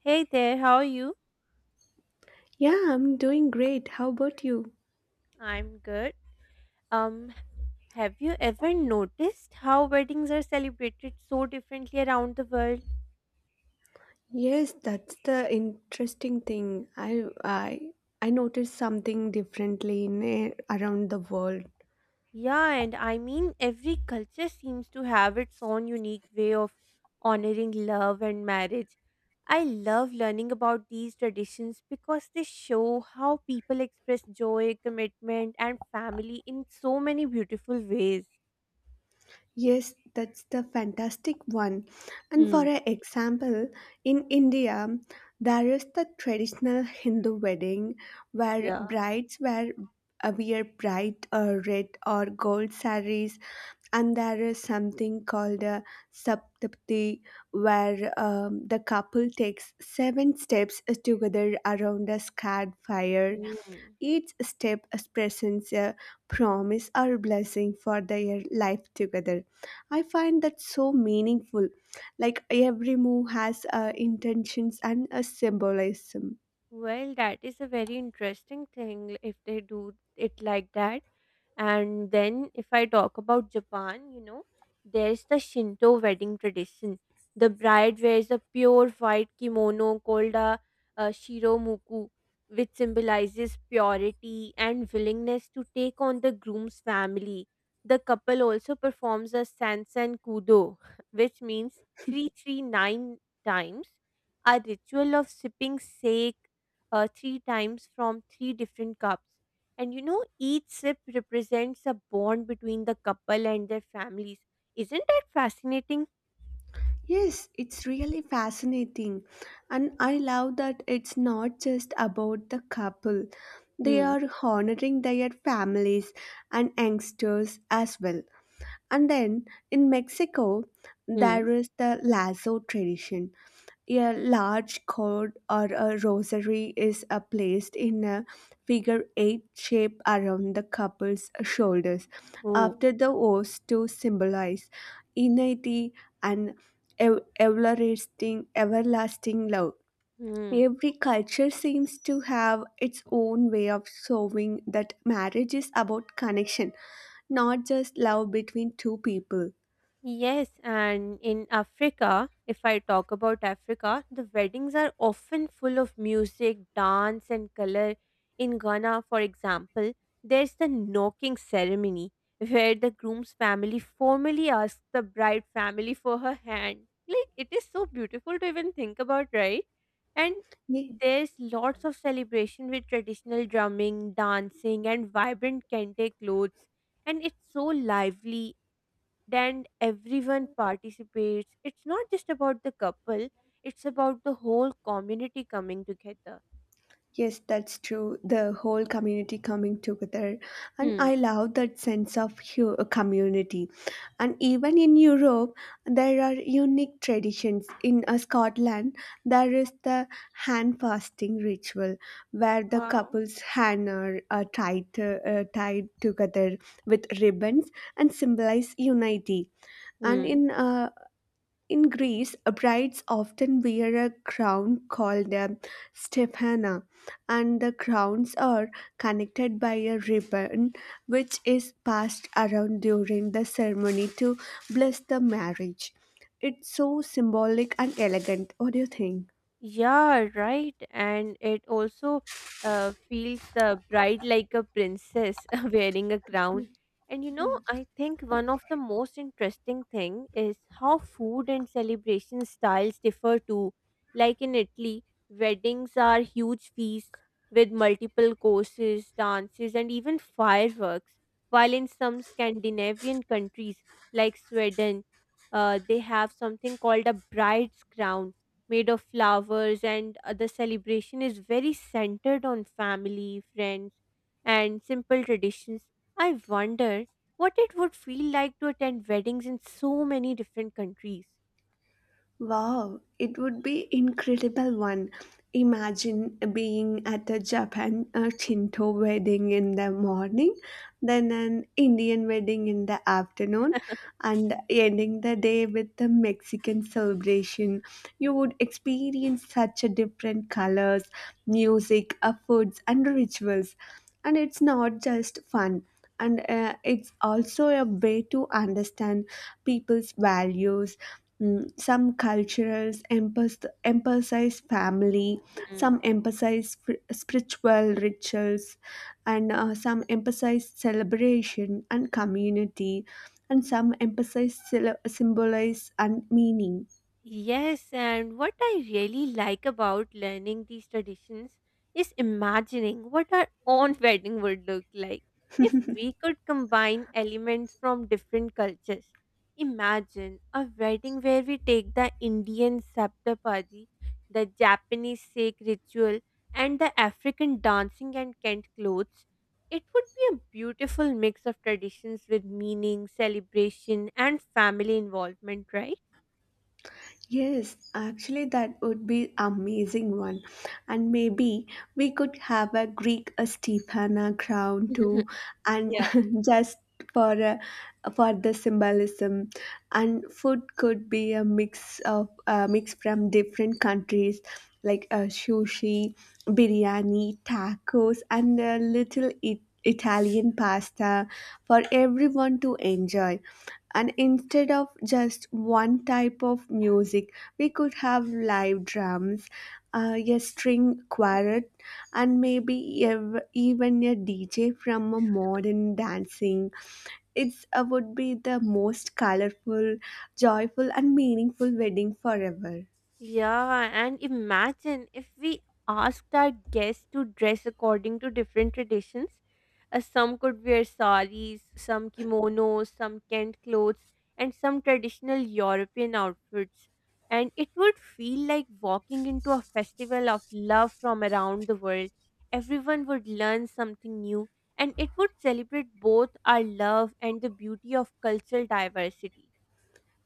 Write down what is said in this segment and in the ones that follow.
Hey there, how are you? Yeah, I'm doing great. How about you? I'm good. Um, have you ever noticed how weddings are celebrated so differently around the world? Yes, that's the interesting thing. I I noticed something differently around the world. Yeah, and I mean, every culture seems to have its own unique way of honoring love and marriage. I love learning about these traditions because they show how people express joy, commitment, and family in so many beautiful ways. Yes, that's the fantastic one. And for Hmm. an example, in India, there is the traditional Hindu wedding where Yeah. brides wear wear bright red or gold saris, and there is something called a saptapti where the couple takes seven steps together around a scared fire. Hmm. Each step presents a promise or blessing for their life together. I find that so meaningful, like every move has intentions and a symbolism. Well, that is a very interesting thing if they do it like that. And then, if I talk about Japan, there's the Shinto wedding tradition. The bride wears a pure white kimono called a shiromuku, which symbolizes purity and willingness to take on the groom's family. The couple also performs a sansan kudo, which means 339 times, a ritual of sipping sake three times from three different cups. And each sip represents a bond between the couple and their families. Isn't that fascinating? Yes, it's really fascinating. And I love that it's not just about the couple. They Hmm. are honoring their families and youngsters as well. And then in Mexico, Hmm. there is the lasso tradition. A large cord or a rosary is placed in a figure eight shape around the couple's shoulders Oh, after the vows to symbolize unity and everlasting love. hmm. Every culture seems to have its own way of showing that marriage is about connection, not just love between two people. Yes, and in Africa, if I talk about Africa, the weddings are often full of music, dance, and color. In Ghana, for example, there's the knocking ceremony where the groom's family formally asks the bride family for her hand. Like, it is so beautiful to even think about, right? And Ye- there's lots of celebration with traditional drumming, dancing, and vibrant kente clothes, and it's so lively. Then everyone participates. It's not just about the couple, it's about the whole community coming together. Yes, that's true. The whole community coming together. And Hmm. I love that sense of community. And even in Europe, there are unique traditions. In Scotland, there is the hand fasting ritual where the Wow. couple's hands are tied, tied together with ribbons and symbolize unity. And Hmm. in in Greece, brides often wear a crown called a stephana, and the crowns are connected by a ribbon which is passed around during the ceremony to bless the marriage. It's so symbolic and elegant. What do you think? Yeah, right. And it also feels the bride like a princess wearing a crown. And Yeah. I think one of the most interesting thing is how food and celebration styles differ too. Like in Italy, weddings are huge feasts with multiple courses, dances, and even fireworks. While in some Scandinavian countries, like Sweden, they have something called a bride's crown made of flowers, and the celebration is very centered on family, friends, and simple traditions. I wonder what it would feel like to attend weddings in so many different countries. Wow, it would be incredible one. Imagine being at a Japan a Shinto wedding in the morning, then an Indian wedding in the afternoon, and ending the day with a Mexican celebration. You would experience such a different colors, music, foods, and rituals. And it's not just fun. And it's also a way to understand people's values. Mm, some cultures emphasize family, some emphasize spiritual rituals, and some emphasize celebration and community, and some emphasize symbolize and meaning. Yes, and what I really like about learning these traditions is imagining what our own wedding would look like if we could combine elements from different cultures. Imagine a wedding where we take the Indian Saptapadi, the Japanese Seik ritual, and the African dancing and Kent clothes. It would be a beautiful mix of traditions with meaning, celebration, and family involvement, right? Yes, actually, that would be amazing one, and maybe we could have a Greek a Stephana crown too, and Yeah. just for a, for the symbolism, and food could be a mix of a mix from different countries, like sushi, biryani, tacos, and a little Italian pasta for everyone to enjoy. And instead of just one type of music, we could have live drums, a string quartet, and maybe even a dj from a modern dancing. It's would be the most colorful, joyful, and meaningful wedding forever. Yeah, and imagine if we asked our guests to dress according to different traditions. Some could wear saris, some kimonos, some Kent clothes, and some traditional European outfits. And it would feel like walking into a festival of love from around the world. Everyone would learn something new, and it would celebrate both our love and the beauty of cultural diversity.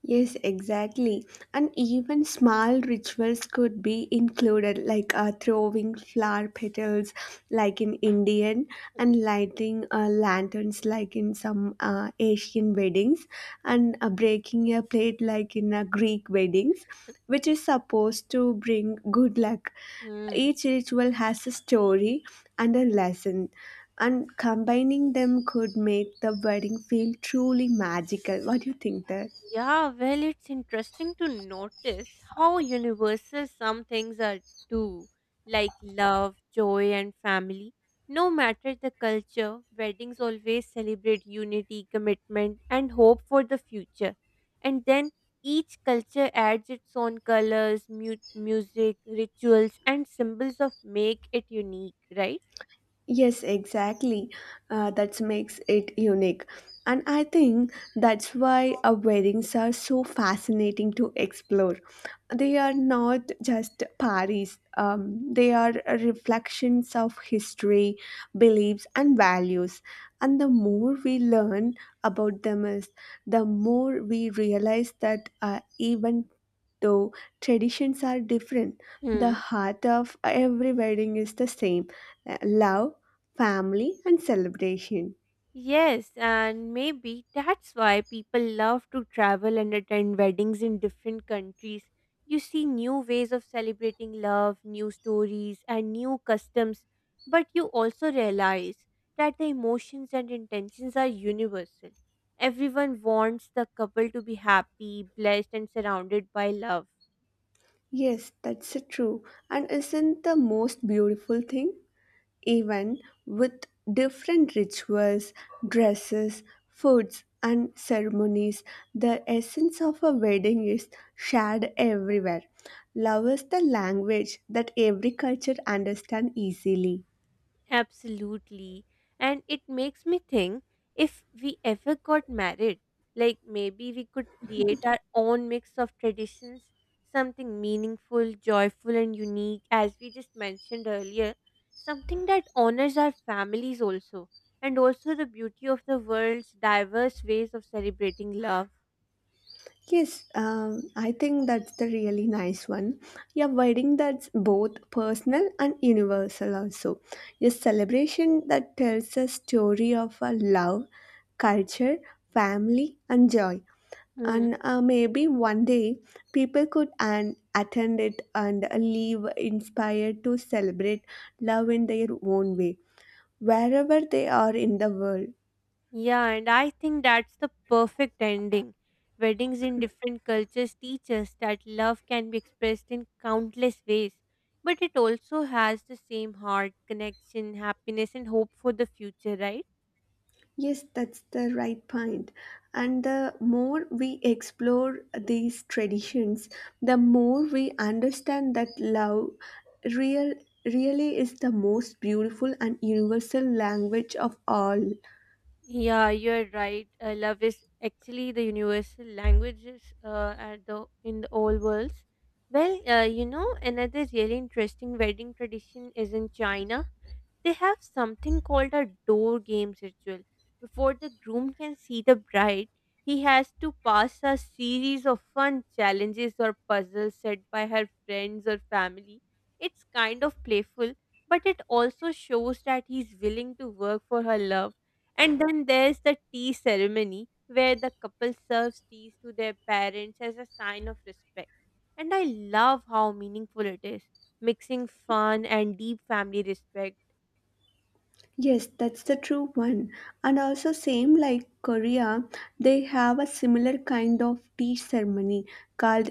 Yes, exactly. And even small rituals could be included, like throwing flower petals, like in Indian, and lighting lanterns, like in some Asian weddings, and breaking a plate, like in Greek weddings, which is supposed to bring good luck. Hmm. Each ritual has a story and a lesson, and combining them could make the wedding feel truly magical. What do you think that? Yeah, well, it's interesting to notice how universal some things are too, like love, joy, and family. No matter the culture, weddings always celebrate unity, commitment, and hope for the future. And then each culture adds its own colors, music, rituals, and symbols of make it unique, right? Yes, exactly. That makes it unique. And I think that's why our weddings are so fascinating to explore. They are not just parties, they are reflections of history, beliefs, and values. And the more we learn about them, is the more we realize that even though traditions are different, the Hmm. heart of every wedding is the same, love, family, and celebration. Yes, and maybe that's why people love to travel and attend weddings in different countries. You see new ways of celebrating love, new stories, and new customs, but you also realize that the emotions and intentions are universal. Everyone wants the couple to be happy, blessed, and surrounded by love. Yes, that's true. And isn't the most beautiful thing? Even with different rituals, dresses, foods, and ceremonies, the essence of a wedding is shared everywhere. Love is the language that every culture understands easily. Absolutely. And it makes me think if we ever got married, like maybe we could create our own mix of traditions, something meaningful, joyful, and unique, as we just mentioned earlier, something that honors our families also, and also the beauty of the world's diverse ways of celebrating love. Yes, I think that's the really nice one. A wedding that's both personal and universal, also. A celebration that tells a story of a love, culture, family, and joy. Hmm. And maybe one day people could an attend it and leave inspired to celebrate love in their own way, wherever they are in the world. Yeah, and I think that's the perfect ending. Weddings in different cultures teach us that love can be expressed in countless ways, but it also has the same heart, connection, happiness, and hope for the future, right? Yes, that's the right point. And the more we explore these traditions, the more we understand that love real really is the most beautiful and universal language of all. Yeah, you're right. Love is actually the universal languages at the in the old worlds. Well, another really interesting wedding tradition is in China. They have something called a door games ritual. Before the groom can see the bride, he has to pass a series of fun challenges or puzzles set by her friends or family. It's kind of playful, but it also shows that he's willing to work for her love. And then there's the tea ceremony, where the couple serves teas to their parents as a sign of respect. And I love how meaningful it is, mixing fun and deep family respect. Yes, that's the true one. And also same like Korea, they have a similar kind of tea ceremony called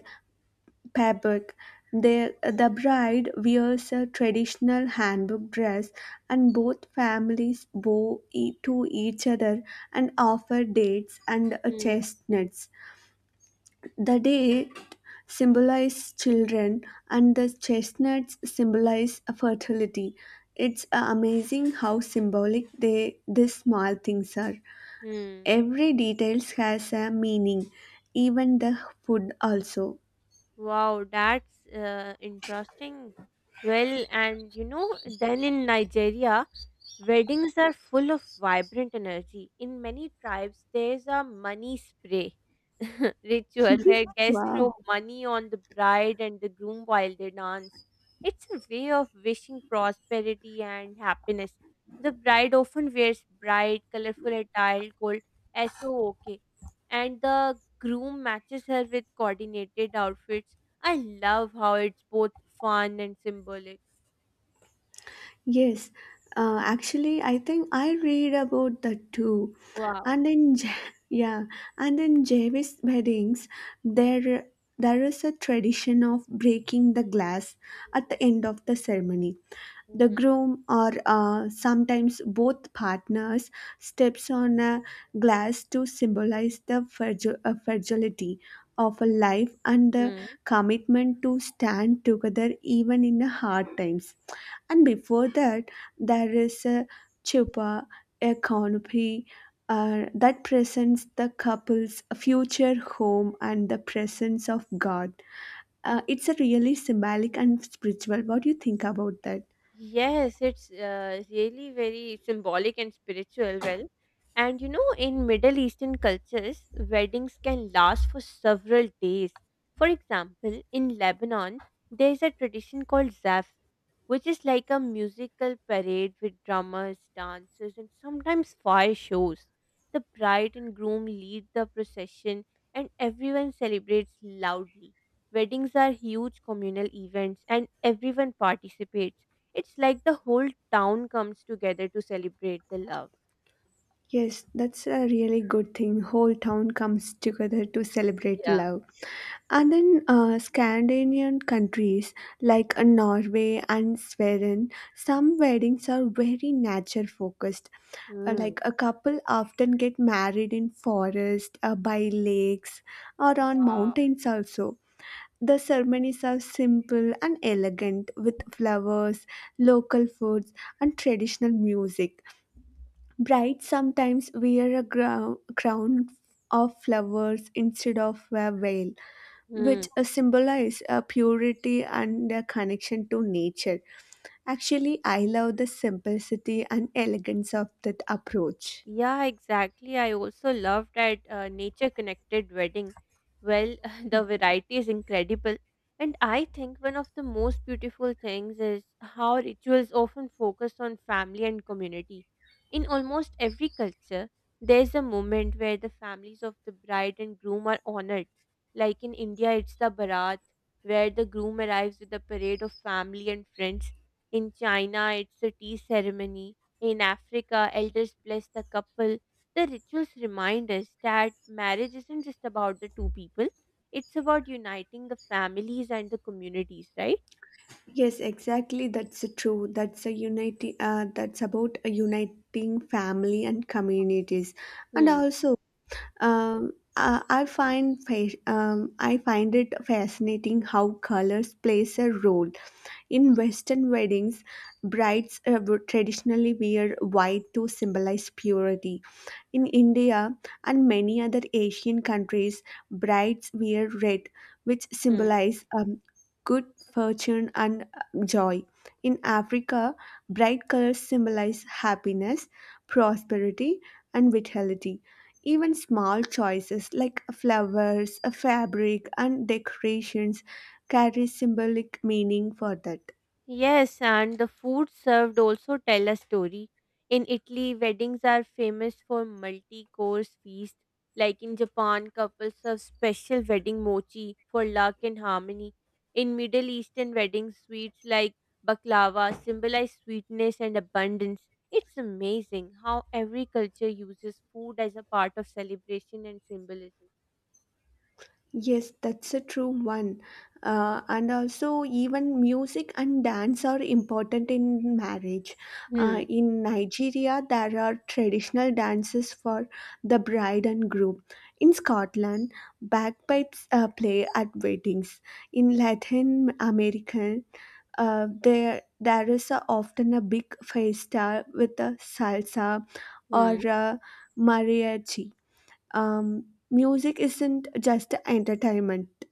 fabric. They, the bride wears a traditional handbook dress, and both families bow to each other and offer dates and Hmm. chestnuts. The date symbolize children, and the chestnuts symbolize fertility. It's amazing how symbolic they these small things are. Hmm. Every details has a meaning, even the food also. Wow, that's interesting. Well, and then in Nigeria, weddings are full of vibrant energy. In many tribes, there's a money spray ritual where guests Wow. throw money on the bride and the groom while they dance. It's a way of wishing prosperity and happiness. The bride often wears bright, colorful attire called SOOK, and the groom matches her with coordinated outfits. I love how it's both fun and symbolic. Yes, actually, I think I read about that too. Wow. And in yeah, and in Javis weddings, there there is a tradition of breaking the glass at the end of the ceremony. The Mm-hmm. groom or sometimes both partners steps on a glass to symbolize the fragility of a life and the commitment to stand together even in the hard times. And before that, there is a chupa, a canopy, that presents the couple's future home and the presence of god. It's a really symbolic and spiritual. What do you think about that? Yes, it's really very symbolic and spiritual. Well, and in Middle Eastern cultures, weddings can last for several days. For example, in Lebanon, there's a tradition called Zaf, which is like a musical parade with drummers, dancers, and sometimes fire shows. The bride and groom lead the procession, and everyone celebrates loudly. Weddings are huge communal events, and everyone participates. It's like the whole town comes together to celebrate the love. Yes, that's a really good thing. Whole town comes together to celebrate Yeah. love. And in Scandinavian countries like Norway and Sweden, some weddings are very nature focused. Hmm. Like a couple often get married in forest, by lakes, or on Wow. mountains also. The ceremonies are simple and elegant with flowers, local foods, and traditional music. Brides sometimes wear a crown of flowers instead of a veil, Hmm. which symbolizes purity and a connection to nature. Actually, I love the simplicity and elegance of that approach. Yeah, exactly. I also love that nature connected wedding. Well, the variety is incredible. And I think one of the most beautiful things is how rituals often focus on family and community. In almost every culture, there's a moment where the families of the bride and groom are honored. Like in India, it's the Bharat, where the groom arrives with a parade of family and friends. In China, it's the tea ceremony. In Africa, elders bless the couple. The rituals remind us that marriage isn't just about the two people, it's about uniting the families and the communities, right? Yes, exactly. That's true. That's a unity. That's about a uniting family and communities, and Hmm. also, um, I find it fascinating how colors plays a role. In Western weddings, brides would traditionally wear white to symbolize purity. In India and many other Asian countries, brides wear red, which Hmm. symbolize good fortune and joy. In Africa, bright colors symbolize happiness, prosperity, and vitality. Even small choices like flowers, a fabric, and decorations carry symbolic meaning for that. Yes, and the food served also tell a story. In Italy, weddings are famous for multi-course feast. Like in Japan, couples serve special wedding mochi for luck and harmony. In Middle Eastern weddings, sweets like baklava symbolize sweetness and abundance. It's amazing how every culture uses food as a part of celebration and symbolism. Yes, that's a true one. And also, even music and dance are important in marriage. Hmm. In Nigeria, there are traditional dances for the bride and groom. In Scotland, bagpipes play at weddings. In Latin America, there is a, often a big fiesta with a salsa or Hmm. a mariachi. um, Music isn't just entertainment,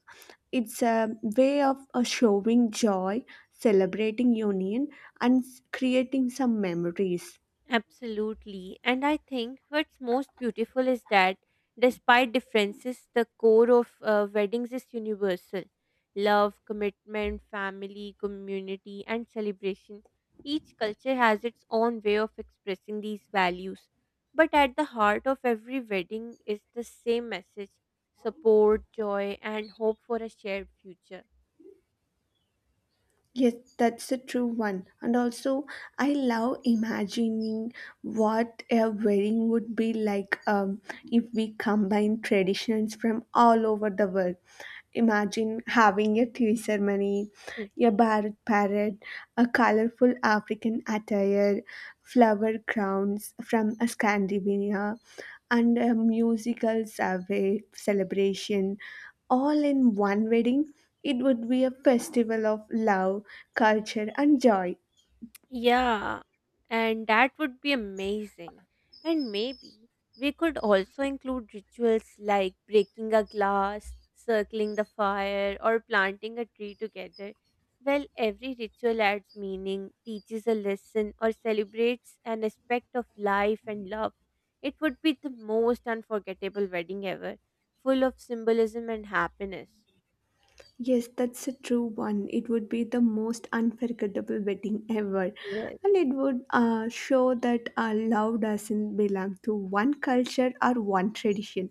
it's a way of showing joy, celebrating union, and creating some memories. Absolutely. And I think what's most beautiful is that despite differences, the core of weddings is universal love, commitment, family, community, and celebration. Each culture has its own way of expressing these values. But at the heart of every wedding is the same message support, joy, and hope for a shared future. Yes, that's a true one. And also, I love imagining what a wedding would be like if we combine traditions from all over the world. Imagine having a tea ceremony, a Bharat parade, a colorful African attire, flower crowns from Scandinavia, and a musical survey celebration all in one wedding. It would be a festival of love, culture, and joy. Yeah, and that would be amazing. And maybe we could also include rituals like breaking a glass, circling the fire, or planting a tree together. Well, every ritual adds meaning, teaches a lesson, or celebrates an aspect of life and love. It would be the most unforgettable wedding ever, full of symbolism and happiness. Yes, that's a true one. It would be the most unforgettable wedding ever. Yes. And it would show that our love doesn't belong to one culture or one tradition,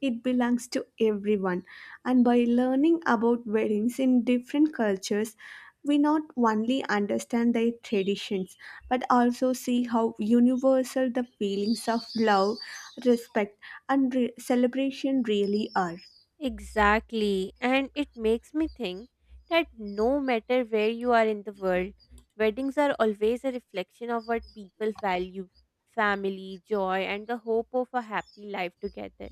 it belongs to everyone. And by learning about weddings in different cultures, we not only understand their traditions but also see how universal the feelings of love, respect, and celebration really are. Exactly. And it makes me think that no matter where you are in the world, weddings are always a reflection of what people value family, joy, and the hope of a happy life together.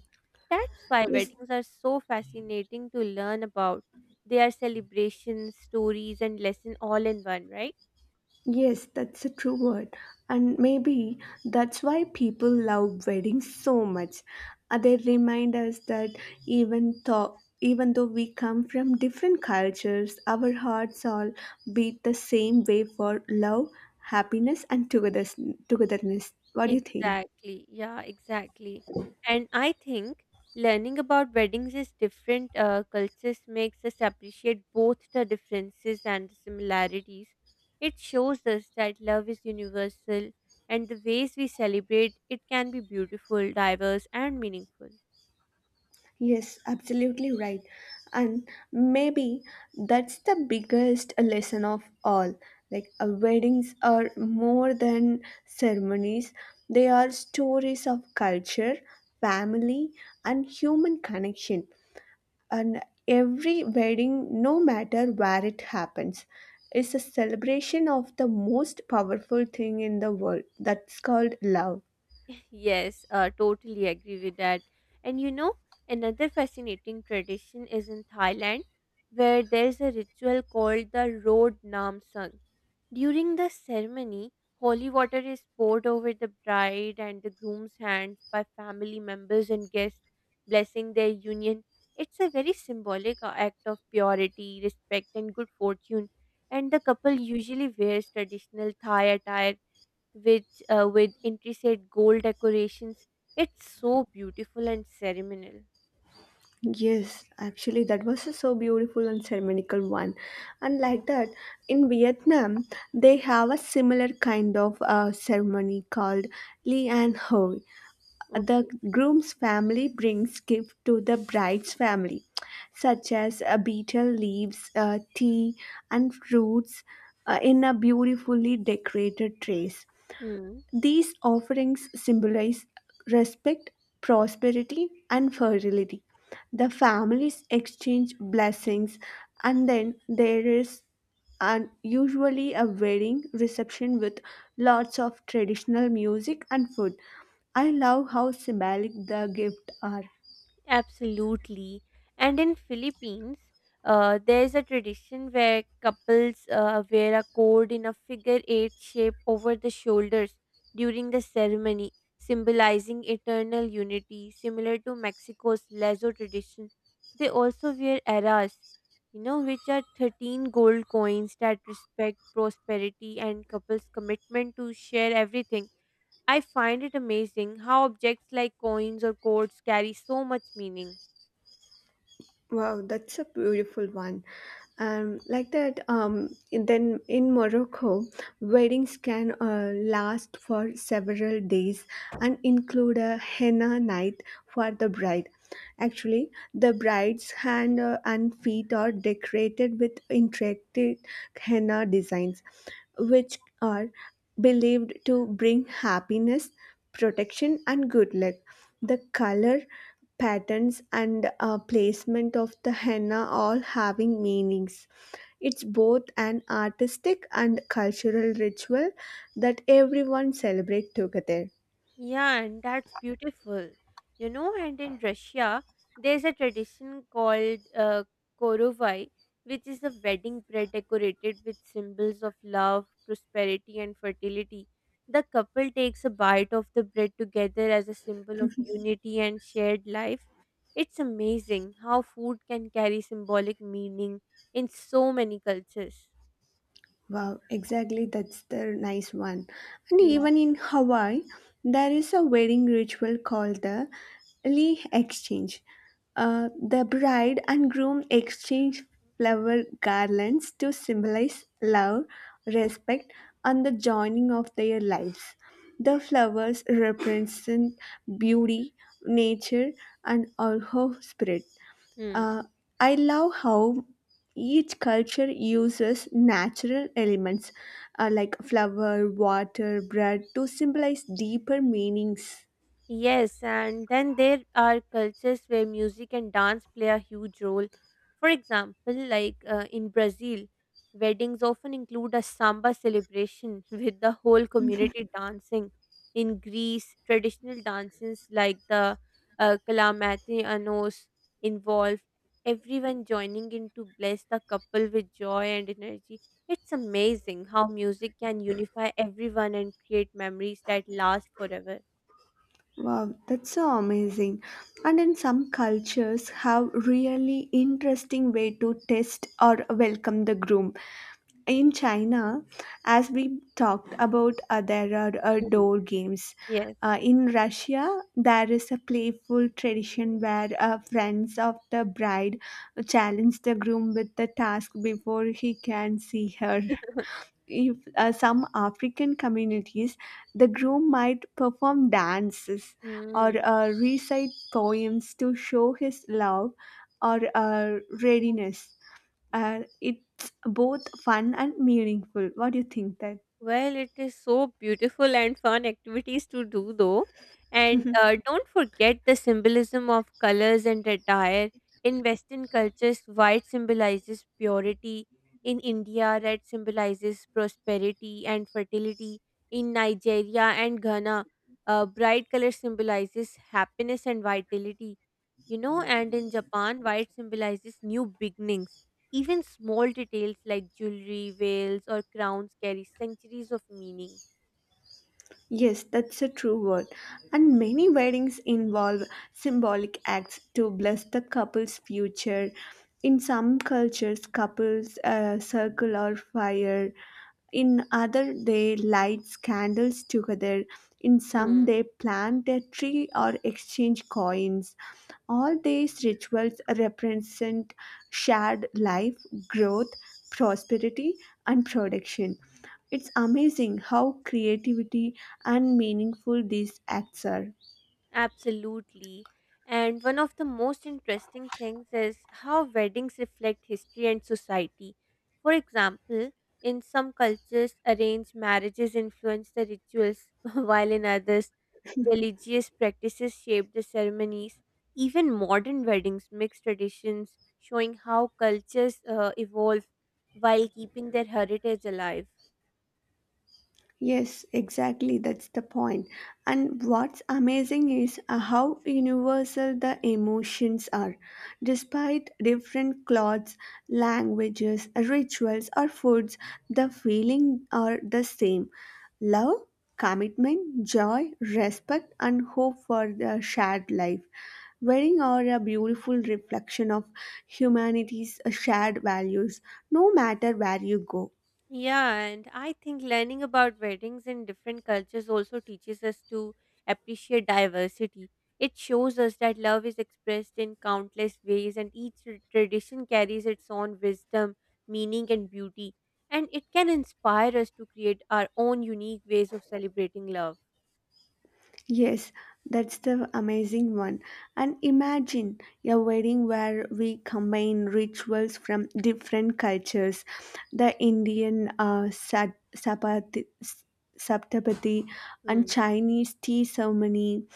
That's why Yes, weddings are so fascinating to learn about. They are celebrations, stories, and lesson all in one, right? Yes, that's a true word. And maybe that's why people love weddings so much. They remind us that even though we come from different cultures, our hearts all beat the same way for love, happiness, and togetherness. What do you think? Exactly. Yeah, exactly. And I think learning about weddings is different cultures makes us appreciate both the differences and the similarities. It shows us that love is universal and the ways we celebrate it can be beautiful, diverse, and meaningful. Yes, absolutely right. And maybe that's the biggest lesson of all. Like, weddings are more than ceremonies, they are stories of culture, family, and human connection. And every wedding, no matter where it happens, is a celebration of the most powerful thing in the world that's called love. Yes, totally agree with that. And another fascinating tradition is in Thailand, where there's a ritual called the Road Nam Sang. During the ceremony, holy water is poured over the bride and the groom's hands by family members and guests, blessing their union. It's a very symbolic act of purity, respect, and good fortune. And the couple usually wears traditional Thai attire which with intricate gold decorations. It's so beautiful and ceremonial. Yes, actually, that was a so beautiful and ceremonial one. And like that, in Vietnam, they have a similar kind of ceremony called Li An Hoi. The Okay. groom's family brings gift to the bride's family, such as a betel leaves, tea, and fruits in a beautifully decorated trays. Hmm. These offerings symbolize respect, prosperity, and fertility. The families exchange blessings, and then there is an, usually a wedding reception with lots of traditional music and food. I love how symbolic the gifts are. Absolutely. And in Philippines, there is a tradition where couples wear a cord in a figure eight shape over the shoulders during the ceremony, symbolizing eternal unity, similar to Mexico's lazo tradition. They also wear eras, which are 13 gold coins that respect prosperity and couples' commitment to share everything. I find it amazing how objects like coins or codes carry so much meaning. Wow, that's a beautiful one. Then in Morocco, weddings can last for several days and include a henna night for the bride. Actually, the bride's hand and feet are decorated with intricate henna designs, which are believed to bring happiness, protection, and good luck. The color patterns and placement of the henna all having meanings. It's both an artistic and cultural ritual that everyone celebrate together. Yeah, and that's beautiful. And in Russia, there's a tradition called Korovai, which is a wedding bread decorated with symbols of love, prosperity, and fertility. The couple takes a bite of the bread together as a symbol of unity and shared life. It's amazing how food can carry symbolic meaning in so many cultures. Wow, exactly. That's the nice one. And Hmm. even in Hawaii, there is a wedding ritual called the Lee exchange. The bride and groom exchange flower garlands to symbolize love, respect, and the joining of their lives. The flowers represent beauty, nature, and also spirit. Hmm. Uh, I love how each culture uses natural elements like flower, water, bread to symbolize deeper meanings. Yes, and then there are cultures where music and dance play a huge role. For example, like in Brazil, weddings often include a samba celebration with the whole community dancing. In Greece, traditional dances like the kalamati involve everyone joining in to bless the couple with joy and energy. It's amazing how music can unify everyone and create memories that last forever. Wow, that's so amazing. And in some cultures have really interesting way to test or welcome the groom. In China, as we talked about, there are Mm. door games. Yes. In Russia, there is a playful tradition where friends of the bride challenge the groom with the task before he can see her. If some African communities, the groom might perform dances or Mm. Recite poems to show his love or readiness, and it's both fun and meaningful. What do you think that? Well, it is so beautiful and fun activities to do, though. And don't forget the symbolism of colors and attire. In Western cultures, white symbolizes purity. In India, red symbolizes prosperity and fertility. In Nigeria and Ghana, bright color symbolizes happiness and vitality. And in Japan, white symbolizes new beginnings. Even small details like jewelry, veils, or crowns carry centuries of meaning. Yes, that's a true word. And many weddings involve symbolic acts to bless the couple's future. In some cultures, couples circle or fire. In other, they light candles together. In some, Hmm. they plant a tree or exchange coins. All these rituals represent shared life, growth, prosperity, and production. It's amazing how creativity and meaningful these acts are. Absolutely. And one of the most interesting things is how weddings reflect history and society. For example, in some cultures, arranged marriages influence the rituals, while in others, religious practices shape the ceremonies. Even modern weddings mix traditions, showing how cultures evolve while keeping their heritage alive. Yes, exactly. That's the point. And what's amazing is how universal the emotions are. Despite different clothes, languages, rituals, or foods, the feeling are the same. Love, commitment, joy, respect, and hope for the shared life. Wedding are a beautiful reflection of humanity's shared values, no matter where you go. Yeah, and I think learning about weddings in different cultures also teaches us to appreciate diversity. It shows us that love is expressed in countless ways, and each tradition carries its own wisdom, meaning, and beauty. And it can inspire us to create our own unique ways of celebrating love. Yes, that's the amazing one. And imagine a wedding where we combine rituals from different cultures, the Indian Saptabati and Hmm. Chinese tea ceremony,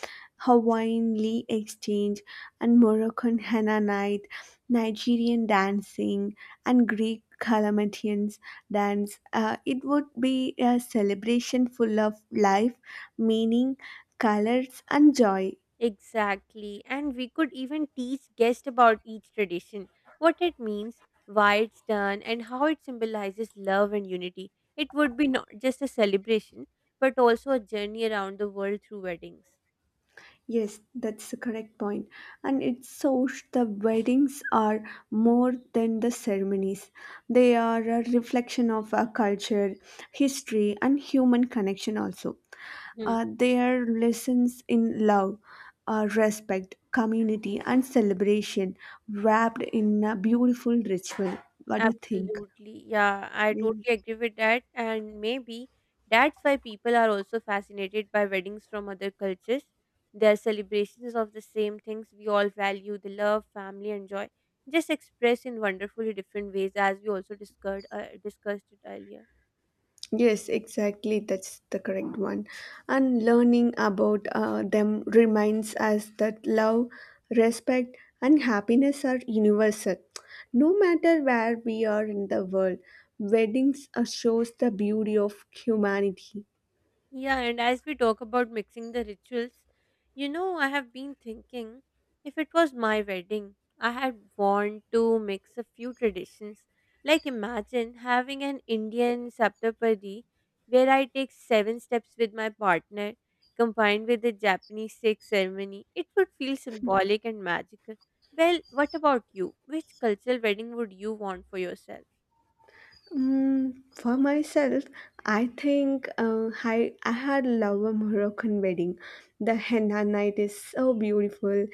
Hawaiian Lee exchange, and Moroccan henna night, Nigerian dancing, and Greek Calamatians dance. It would be a celebration full of life, meaning, colors, and joy. Exactly. And we could even teach guests about each tradition, what it means, why it's done, and how it symbolizes love and unity. It would be not just a celebration, but also a journey around the world through weddings. Yes, that's the correct point. And it shows the weddings are more than the ceremonies. They are a reflection of our culture, history, and human connection also. uh, Hmm. they are lessons in love, respect, community, and celebration wrapped in a beautiful ritual. What do you think? Absolutely. Yeah, I totally agree with that. And maybe that's why people are also fascinated by weddings from other cultures. Their celebrations of the same things we all value the love, family, and joy just expressed in wonderfully different ways, as we also discussed it earlier. Yes, exactly. That's the correct one. And learning about them reminds us that love, respect, and happiness are universal. No matter where we are in the world, weddings shows the beauty of humanity. Yeah, and as we talk about mixing the rituals, I have been thinking if it was my wedding, I had want to mix a few traditions. Like, imagine having an Indian saptapadi where I take seven steps with my partner, combined with the Japanese six ceremony. It would feel symbolic and magical. Well, what about you? Which cultural wedding would you want for yourself? Mm, for myself, I think I had love a Moroccan wedding. The henna night is so beautiful,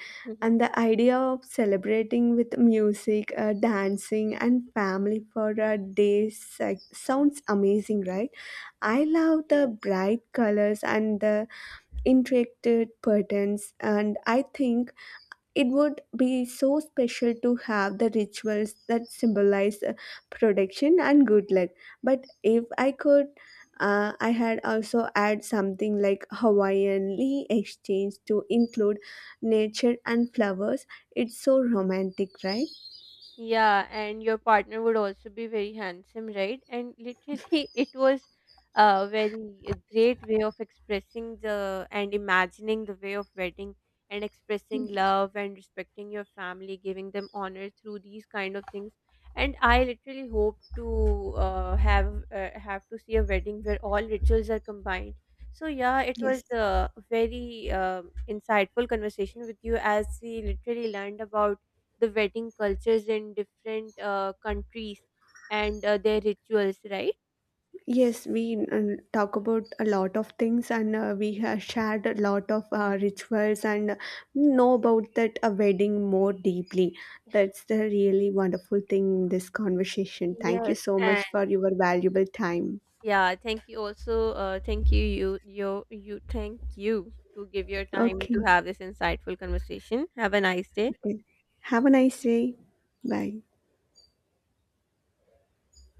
and the idea of celebrating with music, dancing, and family for a day sounds amazing, right? I love the Yeah. bright colors and the intricate patterns, and I think it would be so special to have the rituals that symbolize protection and good luck. But if I could, I had also add something like Hawaiian Lee exchange to include nature and flowers. It's so romantic, right? Yeah, and your partner would also be very handsome, right? And literally, it was a very a great way of expressing the and imagining the way of wedding and expressing love and respecting your family, giving them honor through these kind of things. And I literally hope to have to see a wedding where all rituals are combined. So yeah, it was Yes. a very insightful conversation with you as we literally learned about the wedding cultures in different countries and their rituals, right? Yes, we talk about a lot of things, and we have shared a lot of rituals and know about that a wedding more deeply. That's the really wonderful thing in this conversation. Thank you Yes, so much and for your valuable time. yeah, thank you also. Thank you to give your time to Okay, have this insightful conversation. Have a nice day. okay. Have a nice day. Bye.